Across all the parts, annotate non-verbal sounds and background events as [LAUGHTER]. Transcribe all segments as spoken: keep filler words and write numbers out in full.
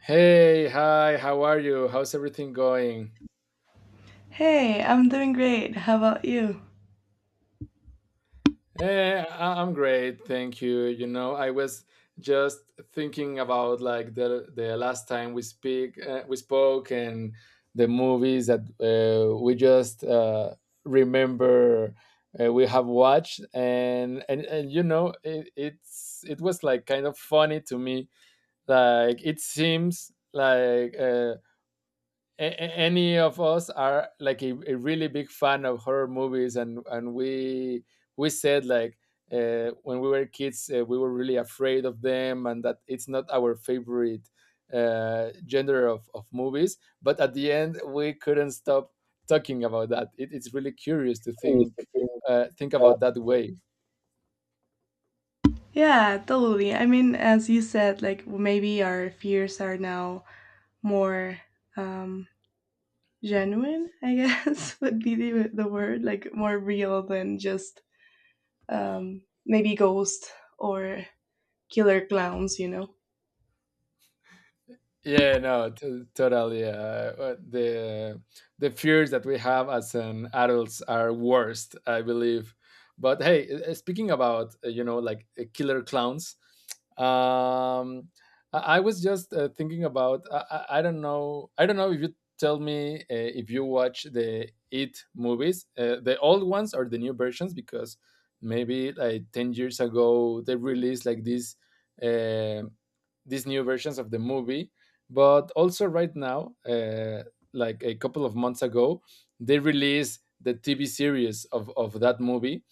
Hey, hi, how are you? How's everything going? Hey, I'm doing great. How about you? Eh, I- I'm great, thank you. You know, I was just thinking about like the the last time we speak uh, we spoke and the movies that uh, we just uh, remember uh, we have watched and and, and you know it, it's it was like kind of funny to me. Like it seems like uh, a- a- any of us are like a, a really big fan of horror movies and and we we said like uh, when we were kids uh, we were really afraid of them, and that it's not our favorite uh, gender of, of movies, but at the end we couldn't stop talking about that it, it's really curious to think uh, think uh, about that way. Yeah, totally. I mean, as you said, like maybe our fears are now more um genuine, I guess [LAUGHS] would be the, the word, like more real than just um maybe ghost or killer clowns, you know. Yeah, no, to totally. Uh, uh, the the fears that we have as an adults are worst, I believe. But hey, uh, uh, speaking about, uh, you know like, uh, killer clowns. Um, I, I was just uh, thinking about. I, I, I don't know I don't know if you tell me, uh, if you watch the It movies, uh, the old ones or the new versions, because maybe like ten years ago they released like these. Uh, these new versions of the movie, but also, right now, uh, like a couple of months ago, they released the T V series of, of that movie.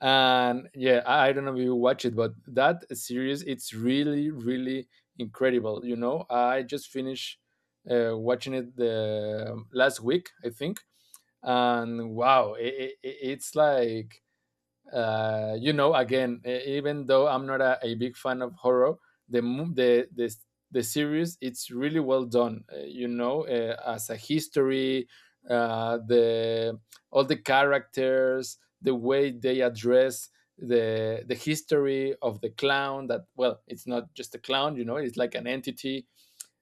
And yeah, I, I don't know if you watch it, but that series, it's really, really incredible. You know, I just finished uh, watching it the um, last week, I think. And wow, it, it, it's like, uh, you know, again, e- even though I'm not a, a big fan of horror, the mo- the the s- the series it's really well done. Uh, you know, uh, as a history, uh, the all the characters, the way they address the the history of the clown. That, well, it's not just a clown. You know, it's like an entity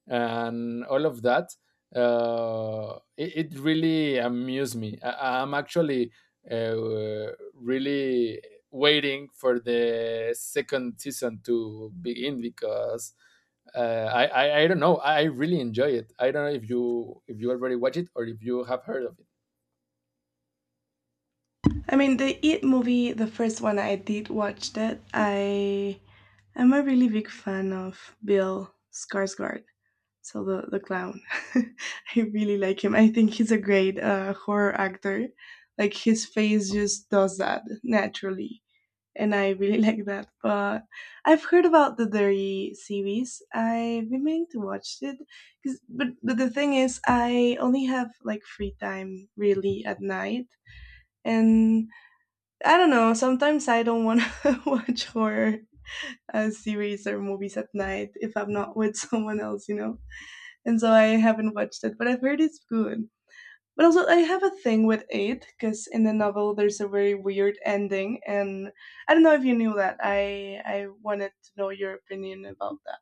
and all of that. Uh, it, it really amused me. I, i'm actually uh, really waiting for the second season to begin, because uh, I, I I don't know. I really enjoy it. I don't know if you if you already watch it, or if you have heard of it. I mean, the It movie, the first one I did watch that, I am a really big fan of Bill Skarsgård. So the the clown. [LAUGHS] I really like him. I think he's a great uh, horror actor. Like his face just does that naturally, and I really [LAUGHS] like that. But I've heard about the Dirty series. I've been meaning to watch it, 'cause- but but the thing is, I only have like free time really at night, and I don't know. Sometimes I don't want to [LAUGHS] watch horror uh, series or movies at night if I'm not with [LAUGHS] someone else, you know, and so I haven't watched it, but I've heard it's good. But also, I have a thing with eight because in the novel there's a very weird ending, and I don't know if you knew that. I I wanted to know your opinion about that.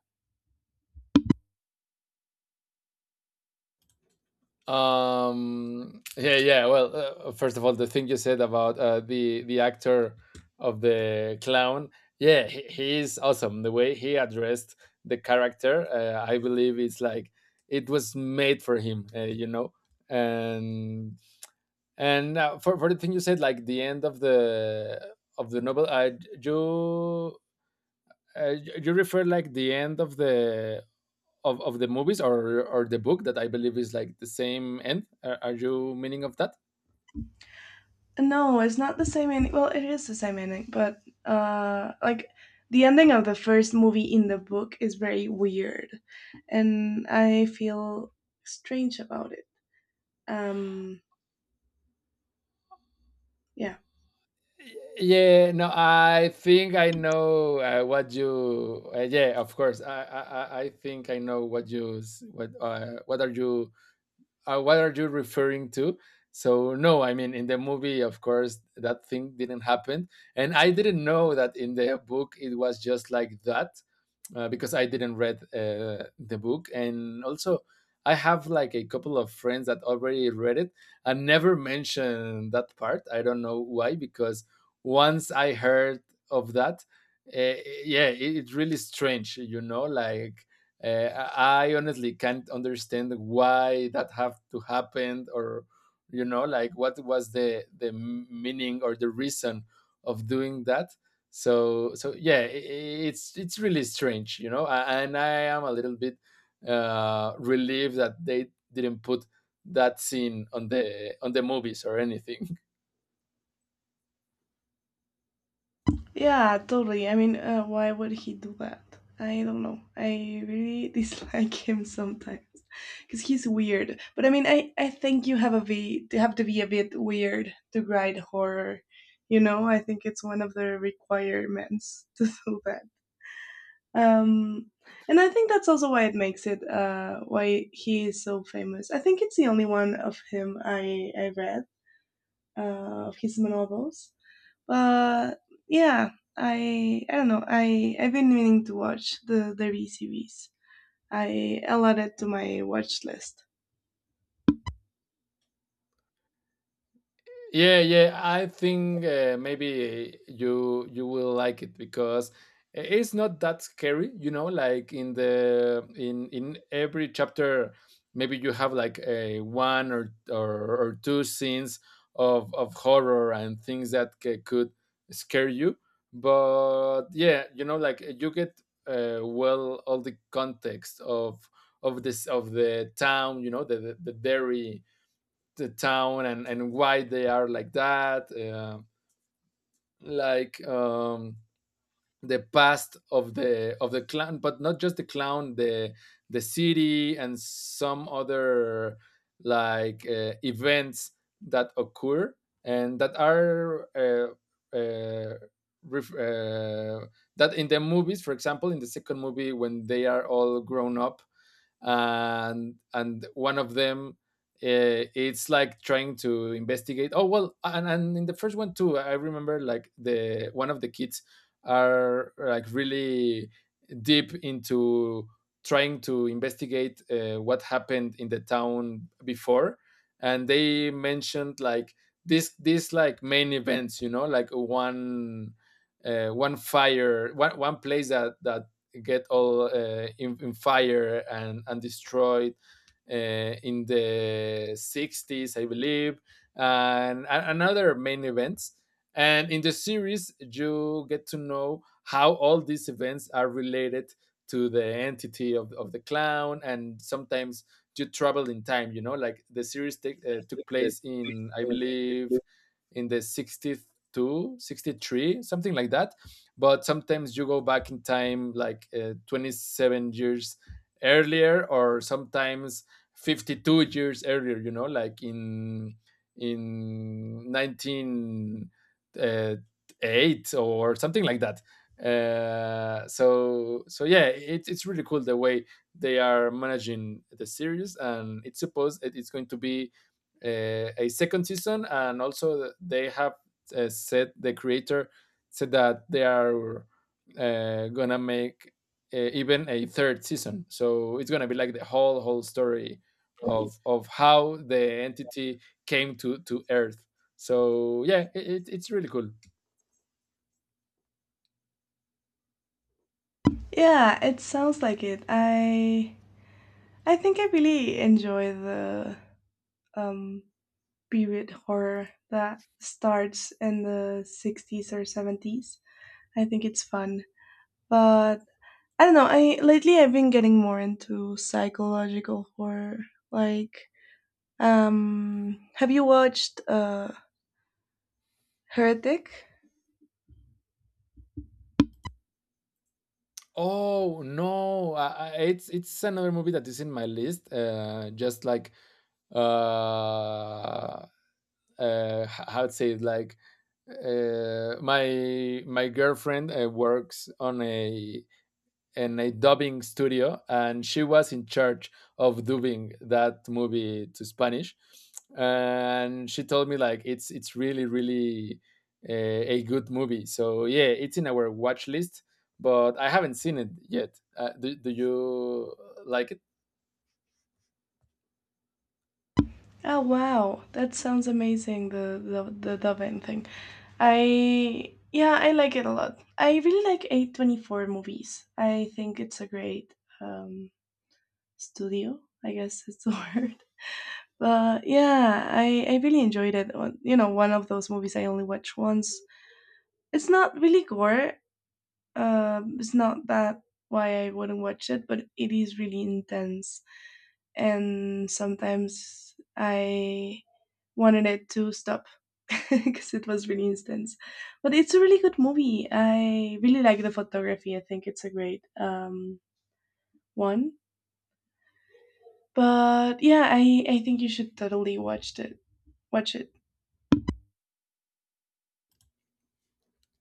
Um, yeah, yeah. Well, uh, first of all, the thing you said about uh, the the actor of the clown, yeah, he, he is awesome. The way he addressed the character, uh, I believe it's like it was made for him, uh, you know. And and uh, for for the thing you said, like the end of the of the novel, I you uh, you refer like the end of the of, of the movies, or or the book, that I believe is like the same end. Are, are you meaning of that? No, it's not the same ending. Well, it is the same ending, but uh, like the ending of the first movie in the book is very weird, and I feel strange about it. Um, yeah. Yeah, no, I think I know uh, what you. Uh, yeah, of course, I, I I I think I know what you s- what uh, what are you uh, what are you referring to? So no, I mean, in the movie, of course, that thing didn't happen, and I didn't know that in the book it was just like that, uh, because I didn't read uh, the book, and also I have like a couple of friends that already read it and never mentioned that part. I don't know why, because once I heard of that, uh, yeah, it, it's really strange, you know, like, uh, I honestly can't understand why that have to happen, or you know, like, what was the the meaning or the reason of doing that. So so yeah, i i- it's it's really strange, you know. a- And I am a little bit uh, relieved that they didn't put that scene on the on the movies or anything. Yeah, totally. I mean, uh, why would he do that? I don't know. I really [LAUGHS] dislike him sometimes because he's weird. But I mean, I, I think you have a v to have to be a bit weird to write horror. You know, I think it's one of the requirements [LAUGHS] to do that. Um, and I think that's also why it makes it uh, why he is so famous. I think it's the only one of him I I read uh, of his novels. But yeah, I I don't know. I I've been meaning to watch the the Re series. I added to my watch list. Yeah, yeah. I think uh, maybe you you will like it, because i- it's not that scary. You know, like in the in in every chapter, maybe you have like a one or or, or two scenes of of horror and things that c- could scare you. But yeah, you know, like, you get uh, well, all the context of of this of the town. You know, the the, the dairy, the town, and and why they are like that, uh, like, um the past of the of the clown. But not just the clown, the the city and some other, like, uh, events that occur, and that are, uh, uh, ref- uh, that, in the movies, for example in the second movie, when they are all grown up and and one of them, uh, it's like trying to investigate. Oh well, and, and in the first one too, I remember, like, the one of the kids are like really deep into trying to investigate uh, what happened in the town before. And they mentioned, like, this this like main events. You know like one, uh, one fire, one, one place that that get all, uh, in, in fire, and and destroyed, uh, in the sixties, I believe, and, and another main events. And in the series, you get to know how all these events are related to the entity of, of the clown. And sometimes you travel in time. You know, like, the series take uh, took place in, I believe, in the sixty two, sixty three, something like that. But sometimes you go back in time, like uh, twenty seven years earlier, or sometimes fifty two years earlier, you know, like in in nineteen, uh, eight, or something like that. Uh, so so yeah, it, it's really cool the way they are managing the series, and it's supposed it- it's going to be uh, a second season. And also, they have uh, said, the creator said, that they are uh, gonna make uh, even a third season. So it's gonna be like the whole whole story of of how the entity came to to Earth. So yeah, it, it, it's really cool. Yeah, it sounds like it. I I think I really enjoy the um period horror that starts in the sixties or seventies. I think it's fun. But I don't know, I lately I've been getting more into psychological horror. Like Um, have you watched uh, Heretic? Oh no, I, I, it's it's another movie that is in my list. Uh, just like, uh, uh, h- how to say it, like, uh, my my girlfriend uh, works on a in a dubbing studio, and she was in charge of dubbing that movie to Spanish. And she told me like it's it's really, really a, a good movie. So yeah, it's in our watch list, but I haven't seen it yet. Uh, do, do you like it? Oh wow, that sounds amazing. The the the Dovin thing. I yeah, I like it a lot. I really like A twenty four movies. I think it's a great um, studio. I guess it's the [LAUGHS] word. But yeah, I I really enjoyed it. Uh, You know, one of those movies I only watch once. It's not really gore. Um, it's not that why I wouldn't watch it, but it is really intense and sometimes I wanted it to stop [LAUGHS] because it was really intense. But it's a really good movie. I really like the photography. I think it's a great um, one. But yeah, I, I think you should totally watch it. Watch it.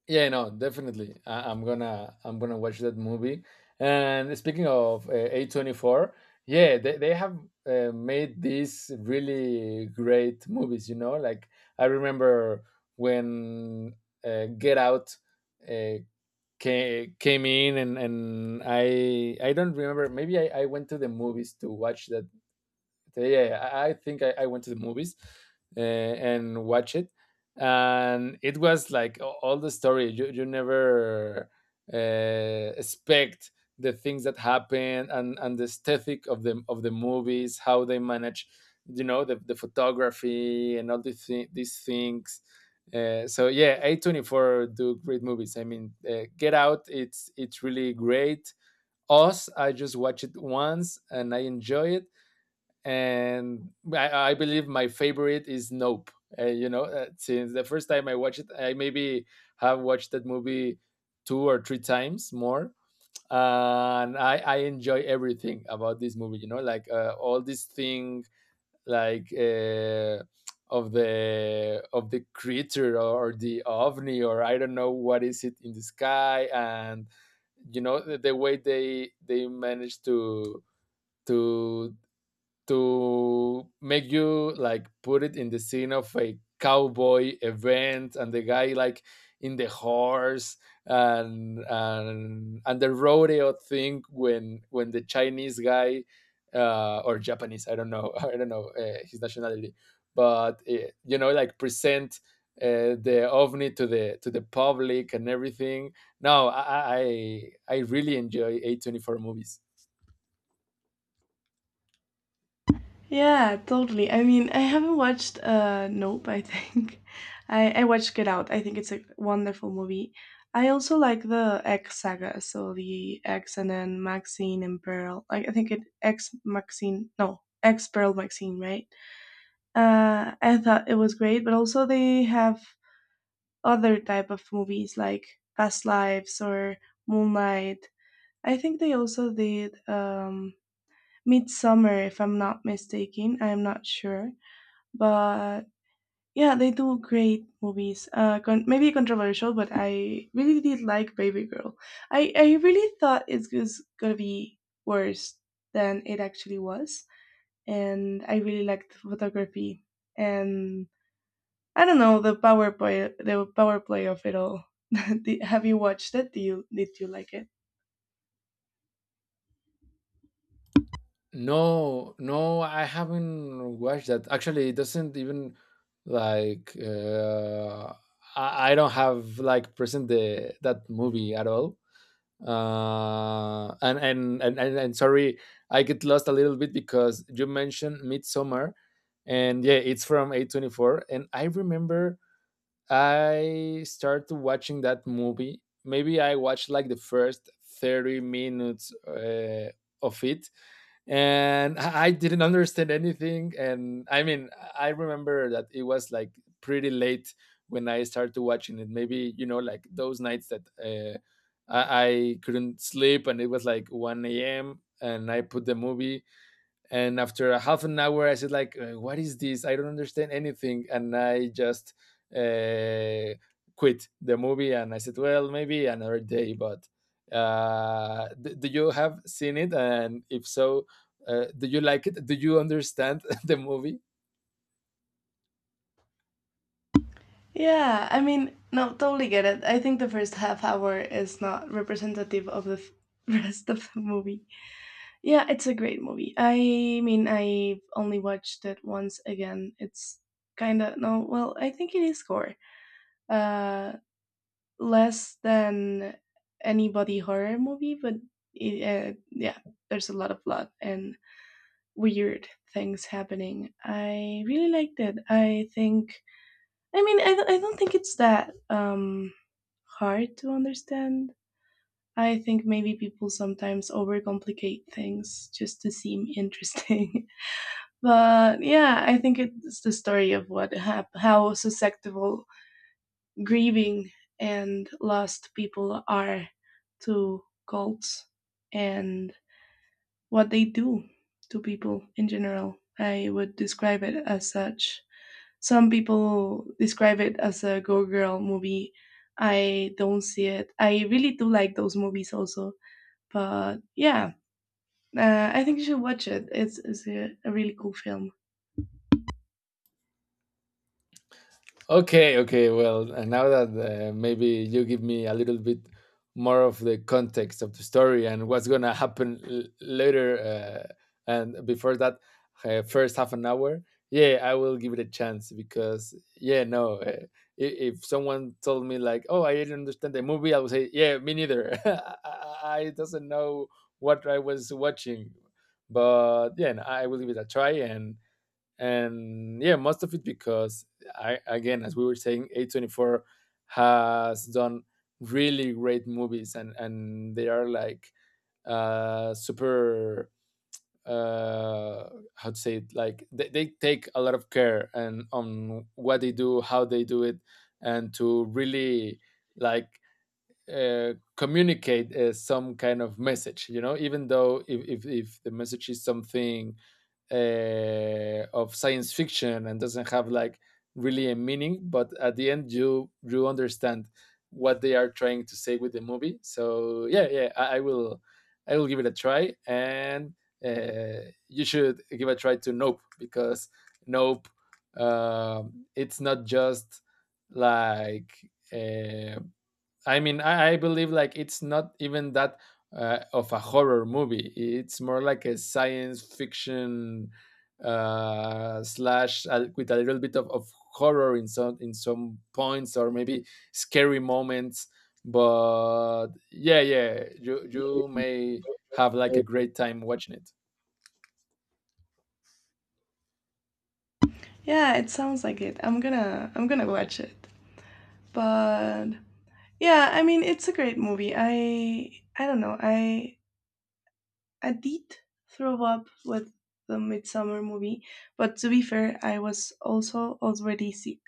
Yeah, no, definitely. I, I'm gonna I'm gonna watch that movie. And speaking of uh, A twenty four, yeah, they, they have uh, made these really great movies. You know, like, I remember when uh, Get Out uh, came, came in, and and I I don't remember. Maybe I, I went to the movies to watch that. So, yeah, yeah, I, I think I, I went to the movies uh, and watched it, and it was like a- all the story. You you never uh, expect the things that happen, and and the aesthetic of the of the movies, how they manage, you know, the, the photography and all these thi- these things. Uh, so yeah, A twenty four do great movies. I mean, uh, Get Out, it's it's really great. Us, I just watched it once and I enjoy it, and I, I believe my favorite is Nope. Uh, you know, uh, since the first time I watched it, I maybe have watched that movie two or three times more, uh, and I, I enjoy everything about this movie. You know, like uh, all this thing, like, uh, of the of the creature or the ovni, or I don't know what is it in the sky. And you know the, the way they they manage to to to make you like put it in the scene of a cowboy event, and the guy, like, in the horse, and and and the rodeo thing, when when the Chinese guy, uh or Japanese, I don't know [LAUGHS] I don't know uh, his nationality, but, uh, you know like, present, uh, the ovni to the to the public, and everything. No, i i i really enjoy a twenty four movies. Yeah, totally. I mean, I haven't watched uh Nope, I think. [LAUGHS] I I watched Get Out. I think it's a wonderful movie. I also like the X saga, so the X and then Maxine and Pearl. Like I think it X Maxine, no, X Pearl Maxine, right? Uh I thought it was great, but also they have other type of movies like Past Lives or Moonlight. I think they also did um Midsummer, if I'm not mistaken. I'm not sure, but yeah, they do great movies. Uh, con- maybe controversial, but I really did like Baby Girl. I I really thought it was gonna be worse than it actually was, and I really liked the photography and I don't know, the power play, the power play of it all. [LAUGHS] Did- Have you watched it? Do you Did you like it? No, no, I haven't watched that. Actually, it doesn't even like, uh, I, I don't have like present the that movie at all. Uh, and, and and and and sorry, I get lost a little bit because you mentioned Midsummer, and yeah, it's from A twenty four, and I remember I started watching that movie. Maybe I watched like the first thirty minutes uh, of it, and I didn't understand anything. And I mean, I remember that it was like pretty late when I started watching it. Maybe, you know, like those nights that uh, I, I couldn't sleep, and it was like one a m And I put the movie, and after a half an hour i said like uh, what is this? I don't understand anything. And I just uh, quit the movie, and I said, well, maybe another day. But uh, d- do you have seen it? And if so, uh, do you like it? Do you understand [LAUGHS] the movie? Yeah, I mean, no, totally get it. I think the first half hour is not representative of the f- [LAUGHS] rest of the movie. Yeah, it's a great movie. I mean, I only watched it once again. It's kind of no, well, I think it is gore. Uh, Less than any body horror movie, but it, uh, yeah, there's a lot of blood and weird things happening. I really liked it. I think. I mean, I don't- I don't think it's that um hard to understand. I think maybe people sometimes overcomplicate things just to seem interesting. [LAUGHS] But yeah, I think it's the story of what hap- how susceptible grieving and lost people are to cults and what they do to people in general. I would describe it as such. Some people describe it as a go girl movie. I don't see it. I really do like those movies also. But yeah, uh, I think you should watch it. It's, it's a, a really cool film. Okay, okay. Well, and now that uh, maybe you give me a little bit more of the context of the story and what's gonna happen l- later, uh, and before that uh, first half an hour, yeah, I will give it a chance. Because yeah, no, uh, i- if someone told me like, oh, I didn't understand the movie, I would say, yeah, me neither. [LAUGHS] I, I I doesn't know what I was watching, but yeah, no, I will give it a try. and and yeah, most of it, because I, again, as we were saying, A twenty four has done really great movies. And and they are like uh super, uh how to say it, like, they, they take a lot of care and on what they do, how they do it, and to really, like, uh, communicate uh, some kind of message, you know, even though if, if, if, the message is something uh, of science fiction and doesn't have like really a meaning, but at the end you you understand what they are trying to say with the movie. So yeah, yeah, i, I will, I will give it a try. And uh, you should give a try to Nope, because Nope, um it's not just like, uh, I mean, I, I believe like it's not even that uh, of a horror movie. It's more like a science fiction, uh, slash, uh, with a little bit of, of horror in some, in some points, or maybe scary moments. But yeah, yeah, you you may have like a great time watching it. Yeah, it sounds like it. I'm gonna I'm gonna watch it. But yeah, I mean it's a great movie. I I don't know. I I did throw up with the Midsummer movie, but to be fair, I was also already sick.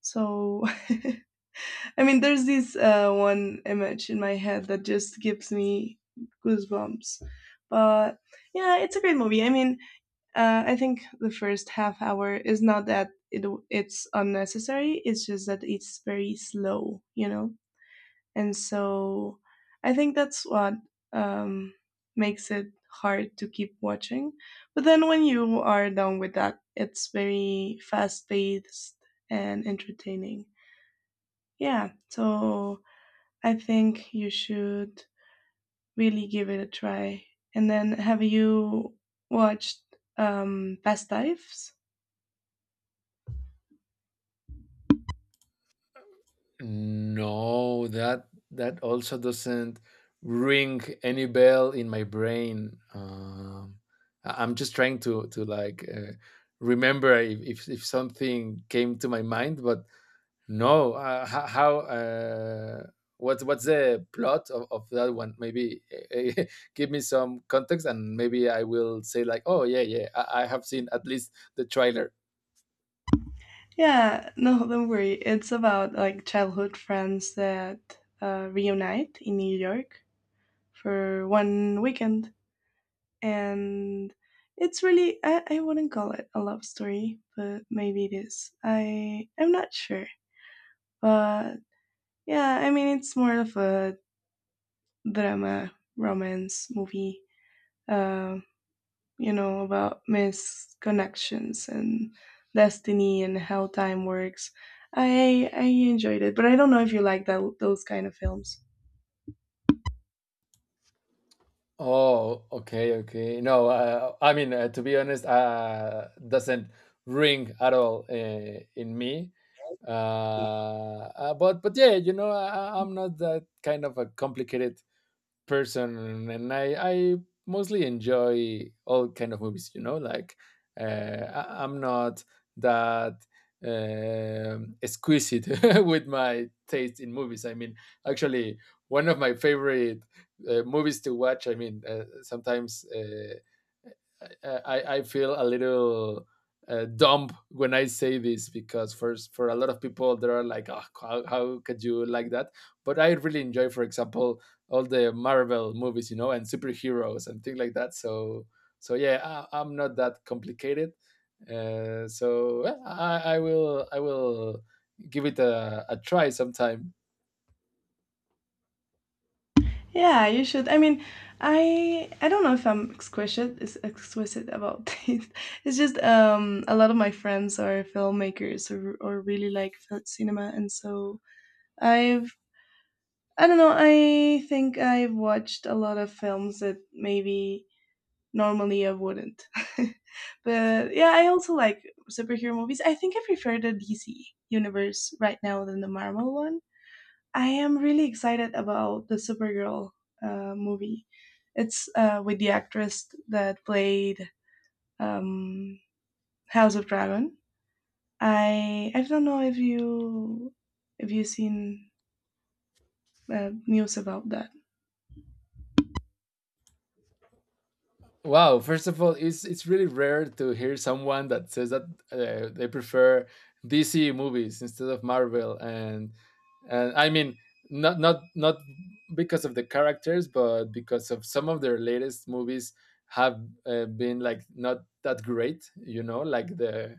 So [LAUGHS] I mean there's this uh, one image in my head that just gives me goosebumps. But yeah, it's a great movie. I mean, uh, I think the first half hour is not that it it's unnecessary. It's just that it's very slow, you know. And so I think that's what um, makes it hard to keep watching. But then when you are done with that, it's very fast paced and entertaining. Yeah, so I think you should really give it a try. And then have you watched um, Past Lives? No, that that also doesn't ring any bell in my brain. Um, I- I'm just trying to to like, uh, remember if, if if something came to my mind, but no. Uh, ho- how? Uh, what, what's the plot of, of that one? Maybe eh, [LAUGHS] give me some context, and maybe I will say like, oh yeah, yeah, I, I have seen at least the trailer. Yeah, no, [LAUGHS] don't worry. It's about like childhood friends that uh, reunite in New York for one weekend. And it's really, I, I wouldn't call it a love story, but maybe it is. I, I'm not sure. But yeah, I mean, it's more of a drama, romance movie. Um, you know, about misconnections and destiny and how time works. I I enjoyed it, but I don't know if you like that those kind of films. Oh, okay, okay. No, uh, I mean, uh, to be honest, uh, doesn't ring at all uh, in me. Uh, uh, but but yeah, you know, I, I- I'm not that kind of a complicated person, and I I mostly enjoy all kind of movies, you know, like uh, I, I'm not that um exquisite [LAUGHS] with my taste in movies. I mean, actually, one of my favorite uh, movies to watch, I mean, uh, sometimes, uh, I, I I feel a little uh, dumb when I say this because first for a lot of people there are like, oh, how, how could you like that? But I really enjoy, for example, all the Marvel movies, you know, and superheroes and things like that. So so yeah, I, I'm not that complicated. Uh, so yeah, I, I will, I will give it a, a try sometime. Yeah, you should. I mean, I I don't know if I'm exquisite is exquisite about [LAUGHS] this. It's just um a lot of my friends are filmmakers or or really like fil- cinema, and so I've I don't know. I think I've watched a lot of films that maybe normally I wouldn't. [LAUGHS] But yeah, I also like superhero movies. I think I prefer the D C universe right now than the Marvel one. I am really excited about the Supergirl uh, movie. It's uh, with the actress that played um, House of Dragon. I I don't know if you if you seen uh, news about that. Wow, first of all, it's it's really rare to hear someone that says that uh, they prefer D C movies instead of Marvel, and and I mean, not not not because of the characters, but because of some of their latest movies have uh, been like not that great, you know, like the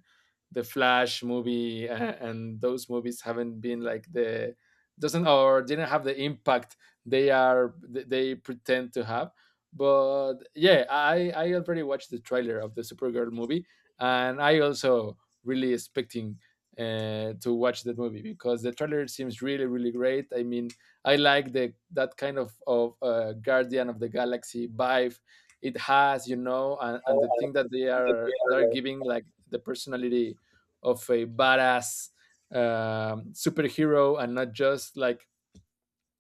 the Flash movie, uh, and those movies haven't been like the doesn't, or didn't have the impact they are th- they pretend to have. But yeah, I I already watched the trailer of the Supergirl movie, and I also really expecting uh, to watch that movie because the trailer seems really really great. I mean, I like the that kind of of uh, Guardian of the Galaxy vibe it has, you know, and, No, and the I thing that they think that they are, they're are. giving like the personality of a badass um, superhero, and not just like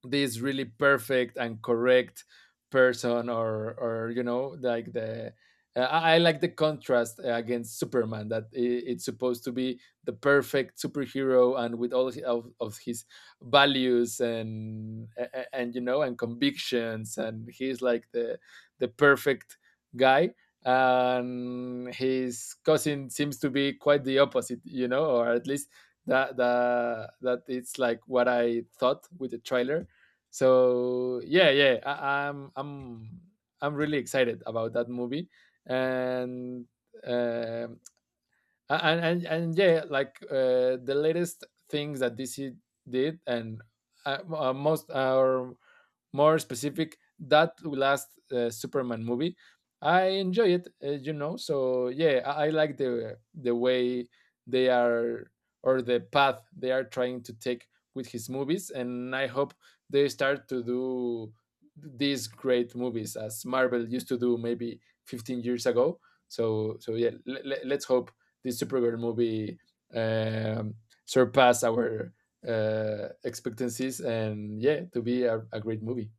this really perfect and correct person, or or you know like the, uh, I I like the contrast uh, against Superman, that I- it's supposed to be the perfect superhero, and with all hi- of, of his values and a- a- and you know, and convictions, and he's like the the perfect guy, and his cousin seems to be quite the opposite, you know, or at least that that that it's like what I thought with the trailer. So yeah, yeah, I, I'm I'm I'm really excited about that movie. And um a- and and, and yeah, like, uh, the latest things that DC did, and uh, m- uh, most, or more specific, that last uh, Superman movie, I enjoy it, uh, you know. So yeah, I, I like the the way they are, or the path they are trying to take with his movies, and I hope they start to do these great movies as Marvel used to do maybe fifteen years ago. So so yeah, le- le- let's hope this Supergirl movie um, surpass our uh, expectancies, and yeah, to be a, a great movie.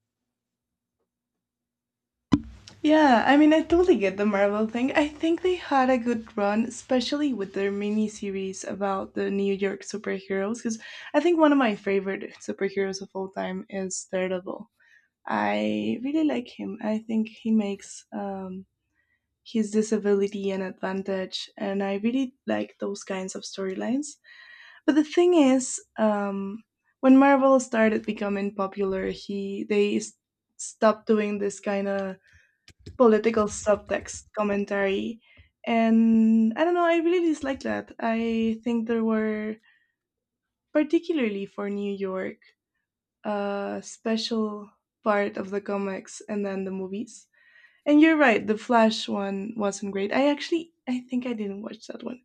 Yeah, I mean, I totally get the Marvel thing. I think they had a good run, especially with their miniseries about the New York superheroes, because I think one of my favorite superheroes of all time is Daredevil. I really like him. I think he makes um, his disability an advantage, and I really like those kinds of storylines. But the thing is, um, when Marvel started becoming popular, he they s- stopped doing this kind of political subtext commentary. And I don't know, I really dislike that. I think there were, particularly for New York, a special part of the comics and then the movies. And you're right, the Flash one wasn't great. I actually, I think I didn't watch that one.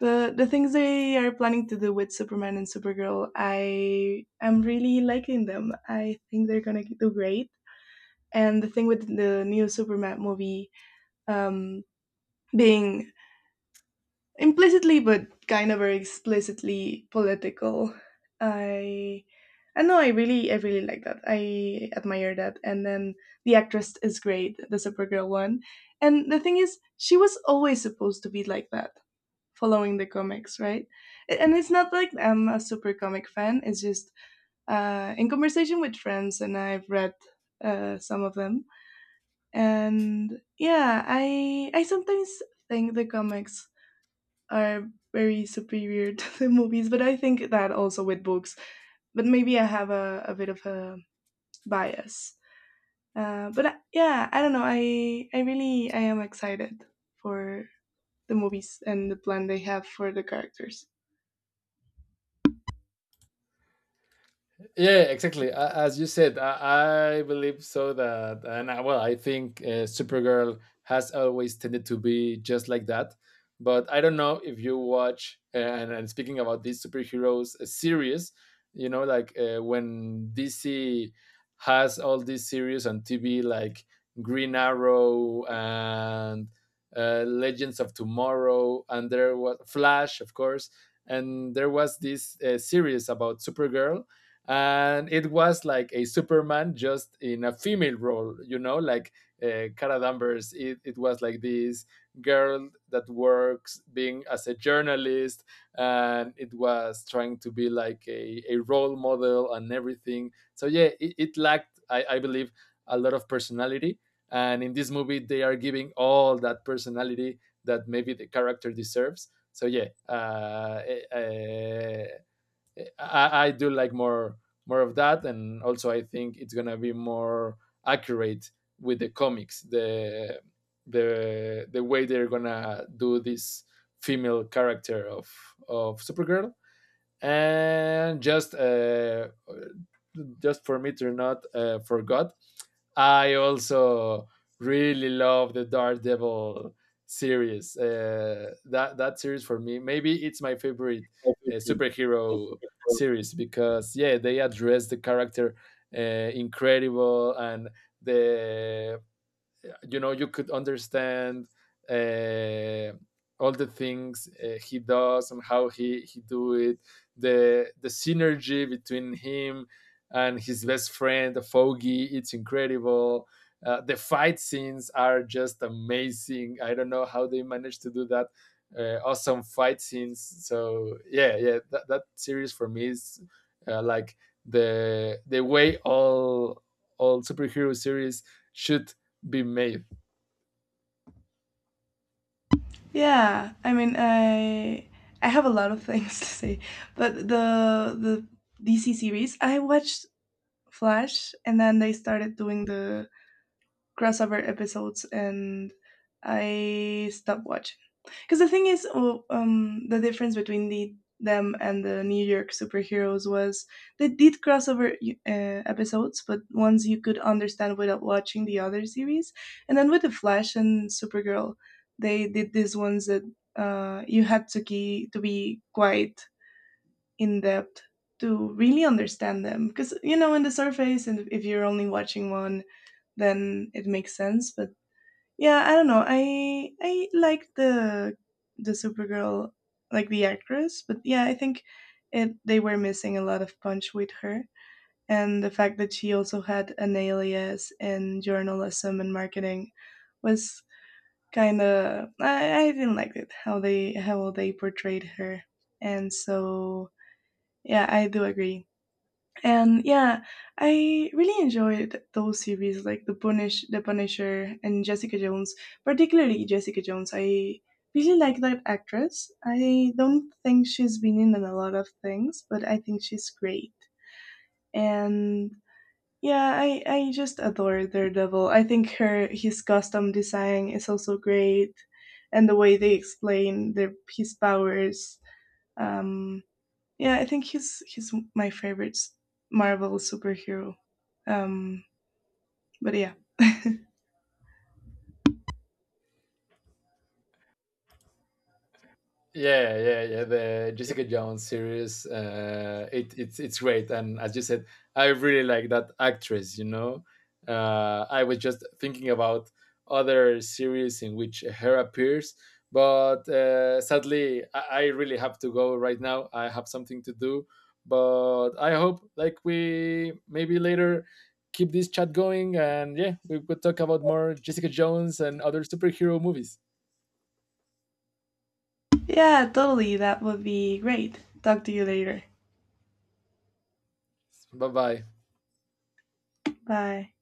The the things they are planning to do with Superman and Supergirl, I am really liking them. I think they're gonna do great. And the thing with the new Superman movie, um, being implicitly but kind of very explicitly political, i i know i really i really like that. I admire that. And then the actress is great, the Supergirl one, and the thing is she was always supposed to be like that, following the comics, right? A- and it's not like I'm a super comic fan, it's just uh, in conversation with friends, and I've read uh, some of them. And yeah, i i sometimes think the comics are very superior [LAUGHS] to the movies, but I think that also with books. But maybe I have a, a bit of a bias. Uh, but I- yeah, I don't know. I I really I am excited for the movies and the plan they have for the characters. Yeah, yeah, exactly. A- As you said, I, I believe so that, and I, well, I think uh, Supergirl has always tended to be just like that. But I don't know if you watch, and, and speaking about these superheroes uh, series, you know, like uh, when D C has all these series on T V, like Green Arrow, and uh, Legends of Tomorrow, and there was Flash, of course, and there was this uh, series about Supergirl, and it was like a Superman just in a female role, you know, like uh, Cara Danvers. It, it was like this girl that works being as a journalist, and it was trying to be like a, a role model and everything. So yeah, it, it lacked, I, I believe, a lot of personality. And in this movie, they are giving all that personality that maybe the character deserves. So yeah, uh, uh. I, I do like more, more of that, and also I think it's gonna be more accurate with the comics. The the the way they're gonna do this female character of of Supergirl, and just, uh, just for me to not uh, forgot, I also really love the Daredevil series. Uh, that that series for me, maybe it's my favorite uh, superhero series, because yeah, they address the character uh, incredible, and the, you know, you could understand uh, all the things uh, he does, and how he he do it, the the synergy between him and his best friend, the Foggy, it's incredible. Uh, the fight scenes are just amazing. I don't know how they managed to do that. Uh, awesome fight scenes. So yeah, yeah, that, that series for me is uh, like the the way all all superhero series should be made. Yeah, I mean I I have a lot of things [LAUGHS] to say, but the the D C series I watched Flash and then they started doing the crossover episodes and I stopped watching. Because the thing is, oh, um, the difference between the them and the New York superheroes was they did crossover uh, episodes, but ones you could understand without watching the other series. And then with the Flash and Supergirl, they did these ones that uh, you had to key, to be quite in depth to really understand them. Because you know, in the surface, and if you're only watching one, then it makes sense. But yeah, I don't know. I I like the the Supergirl, like the actress, but yeah, I think it they were missing a lot of punch with her, and the fact that she also had an alias in journalism and marketing was kind of I, I didn't like it how they how they portrayed her, and so yeah, I do agree. And yeah, I really enjoyed those series like The Punish, The Punisher, and Jessica Jones. Particularly Jessica Jones, I really like that actress. I don't think she's been in a lot of things, but I think she's great. And yeah, I I just adore Daredevil. I think her his costume design is also great, and the way they explain their his powers. Um, yeah, I think he's he's my favorite Marvel superhero. Um, but yeah, Yeah, yeah, yeah. The Jessica Jones series. Uh, it, it's it's great, and as you said, I really like that actress. You know, uh, I was just thinking about other series in which her appears, but uh, sadly, I, I really have to go right now. I have something to do, but I hope like we maybe later keep this chat going, and yeah, we could talk about more Jessica Jones and other superhero movies. yeah, totally. That would be great. Talk to you later. Bye bye. Bye.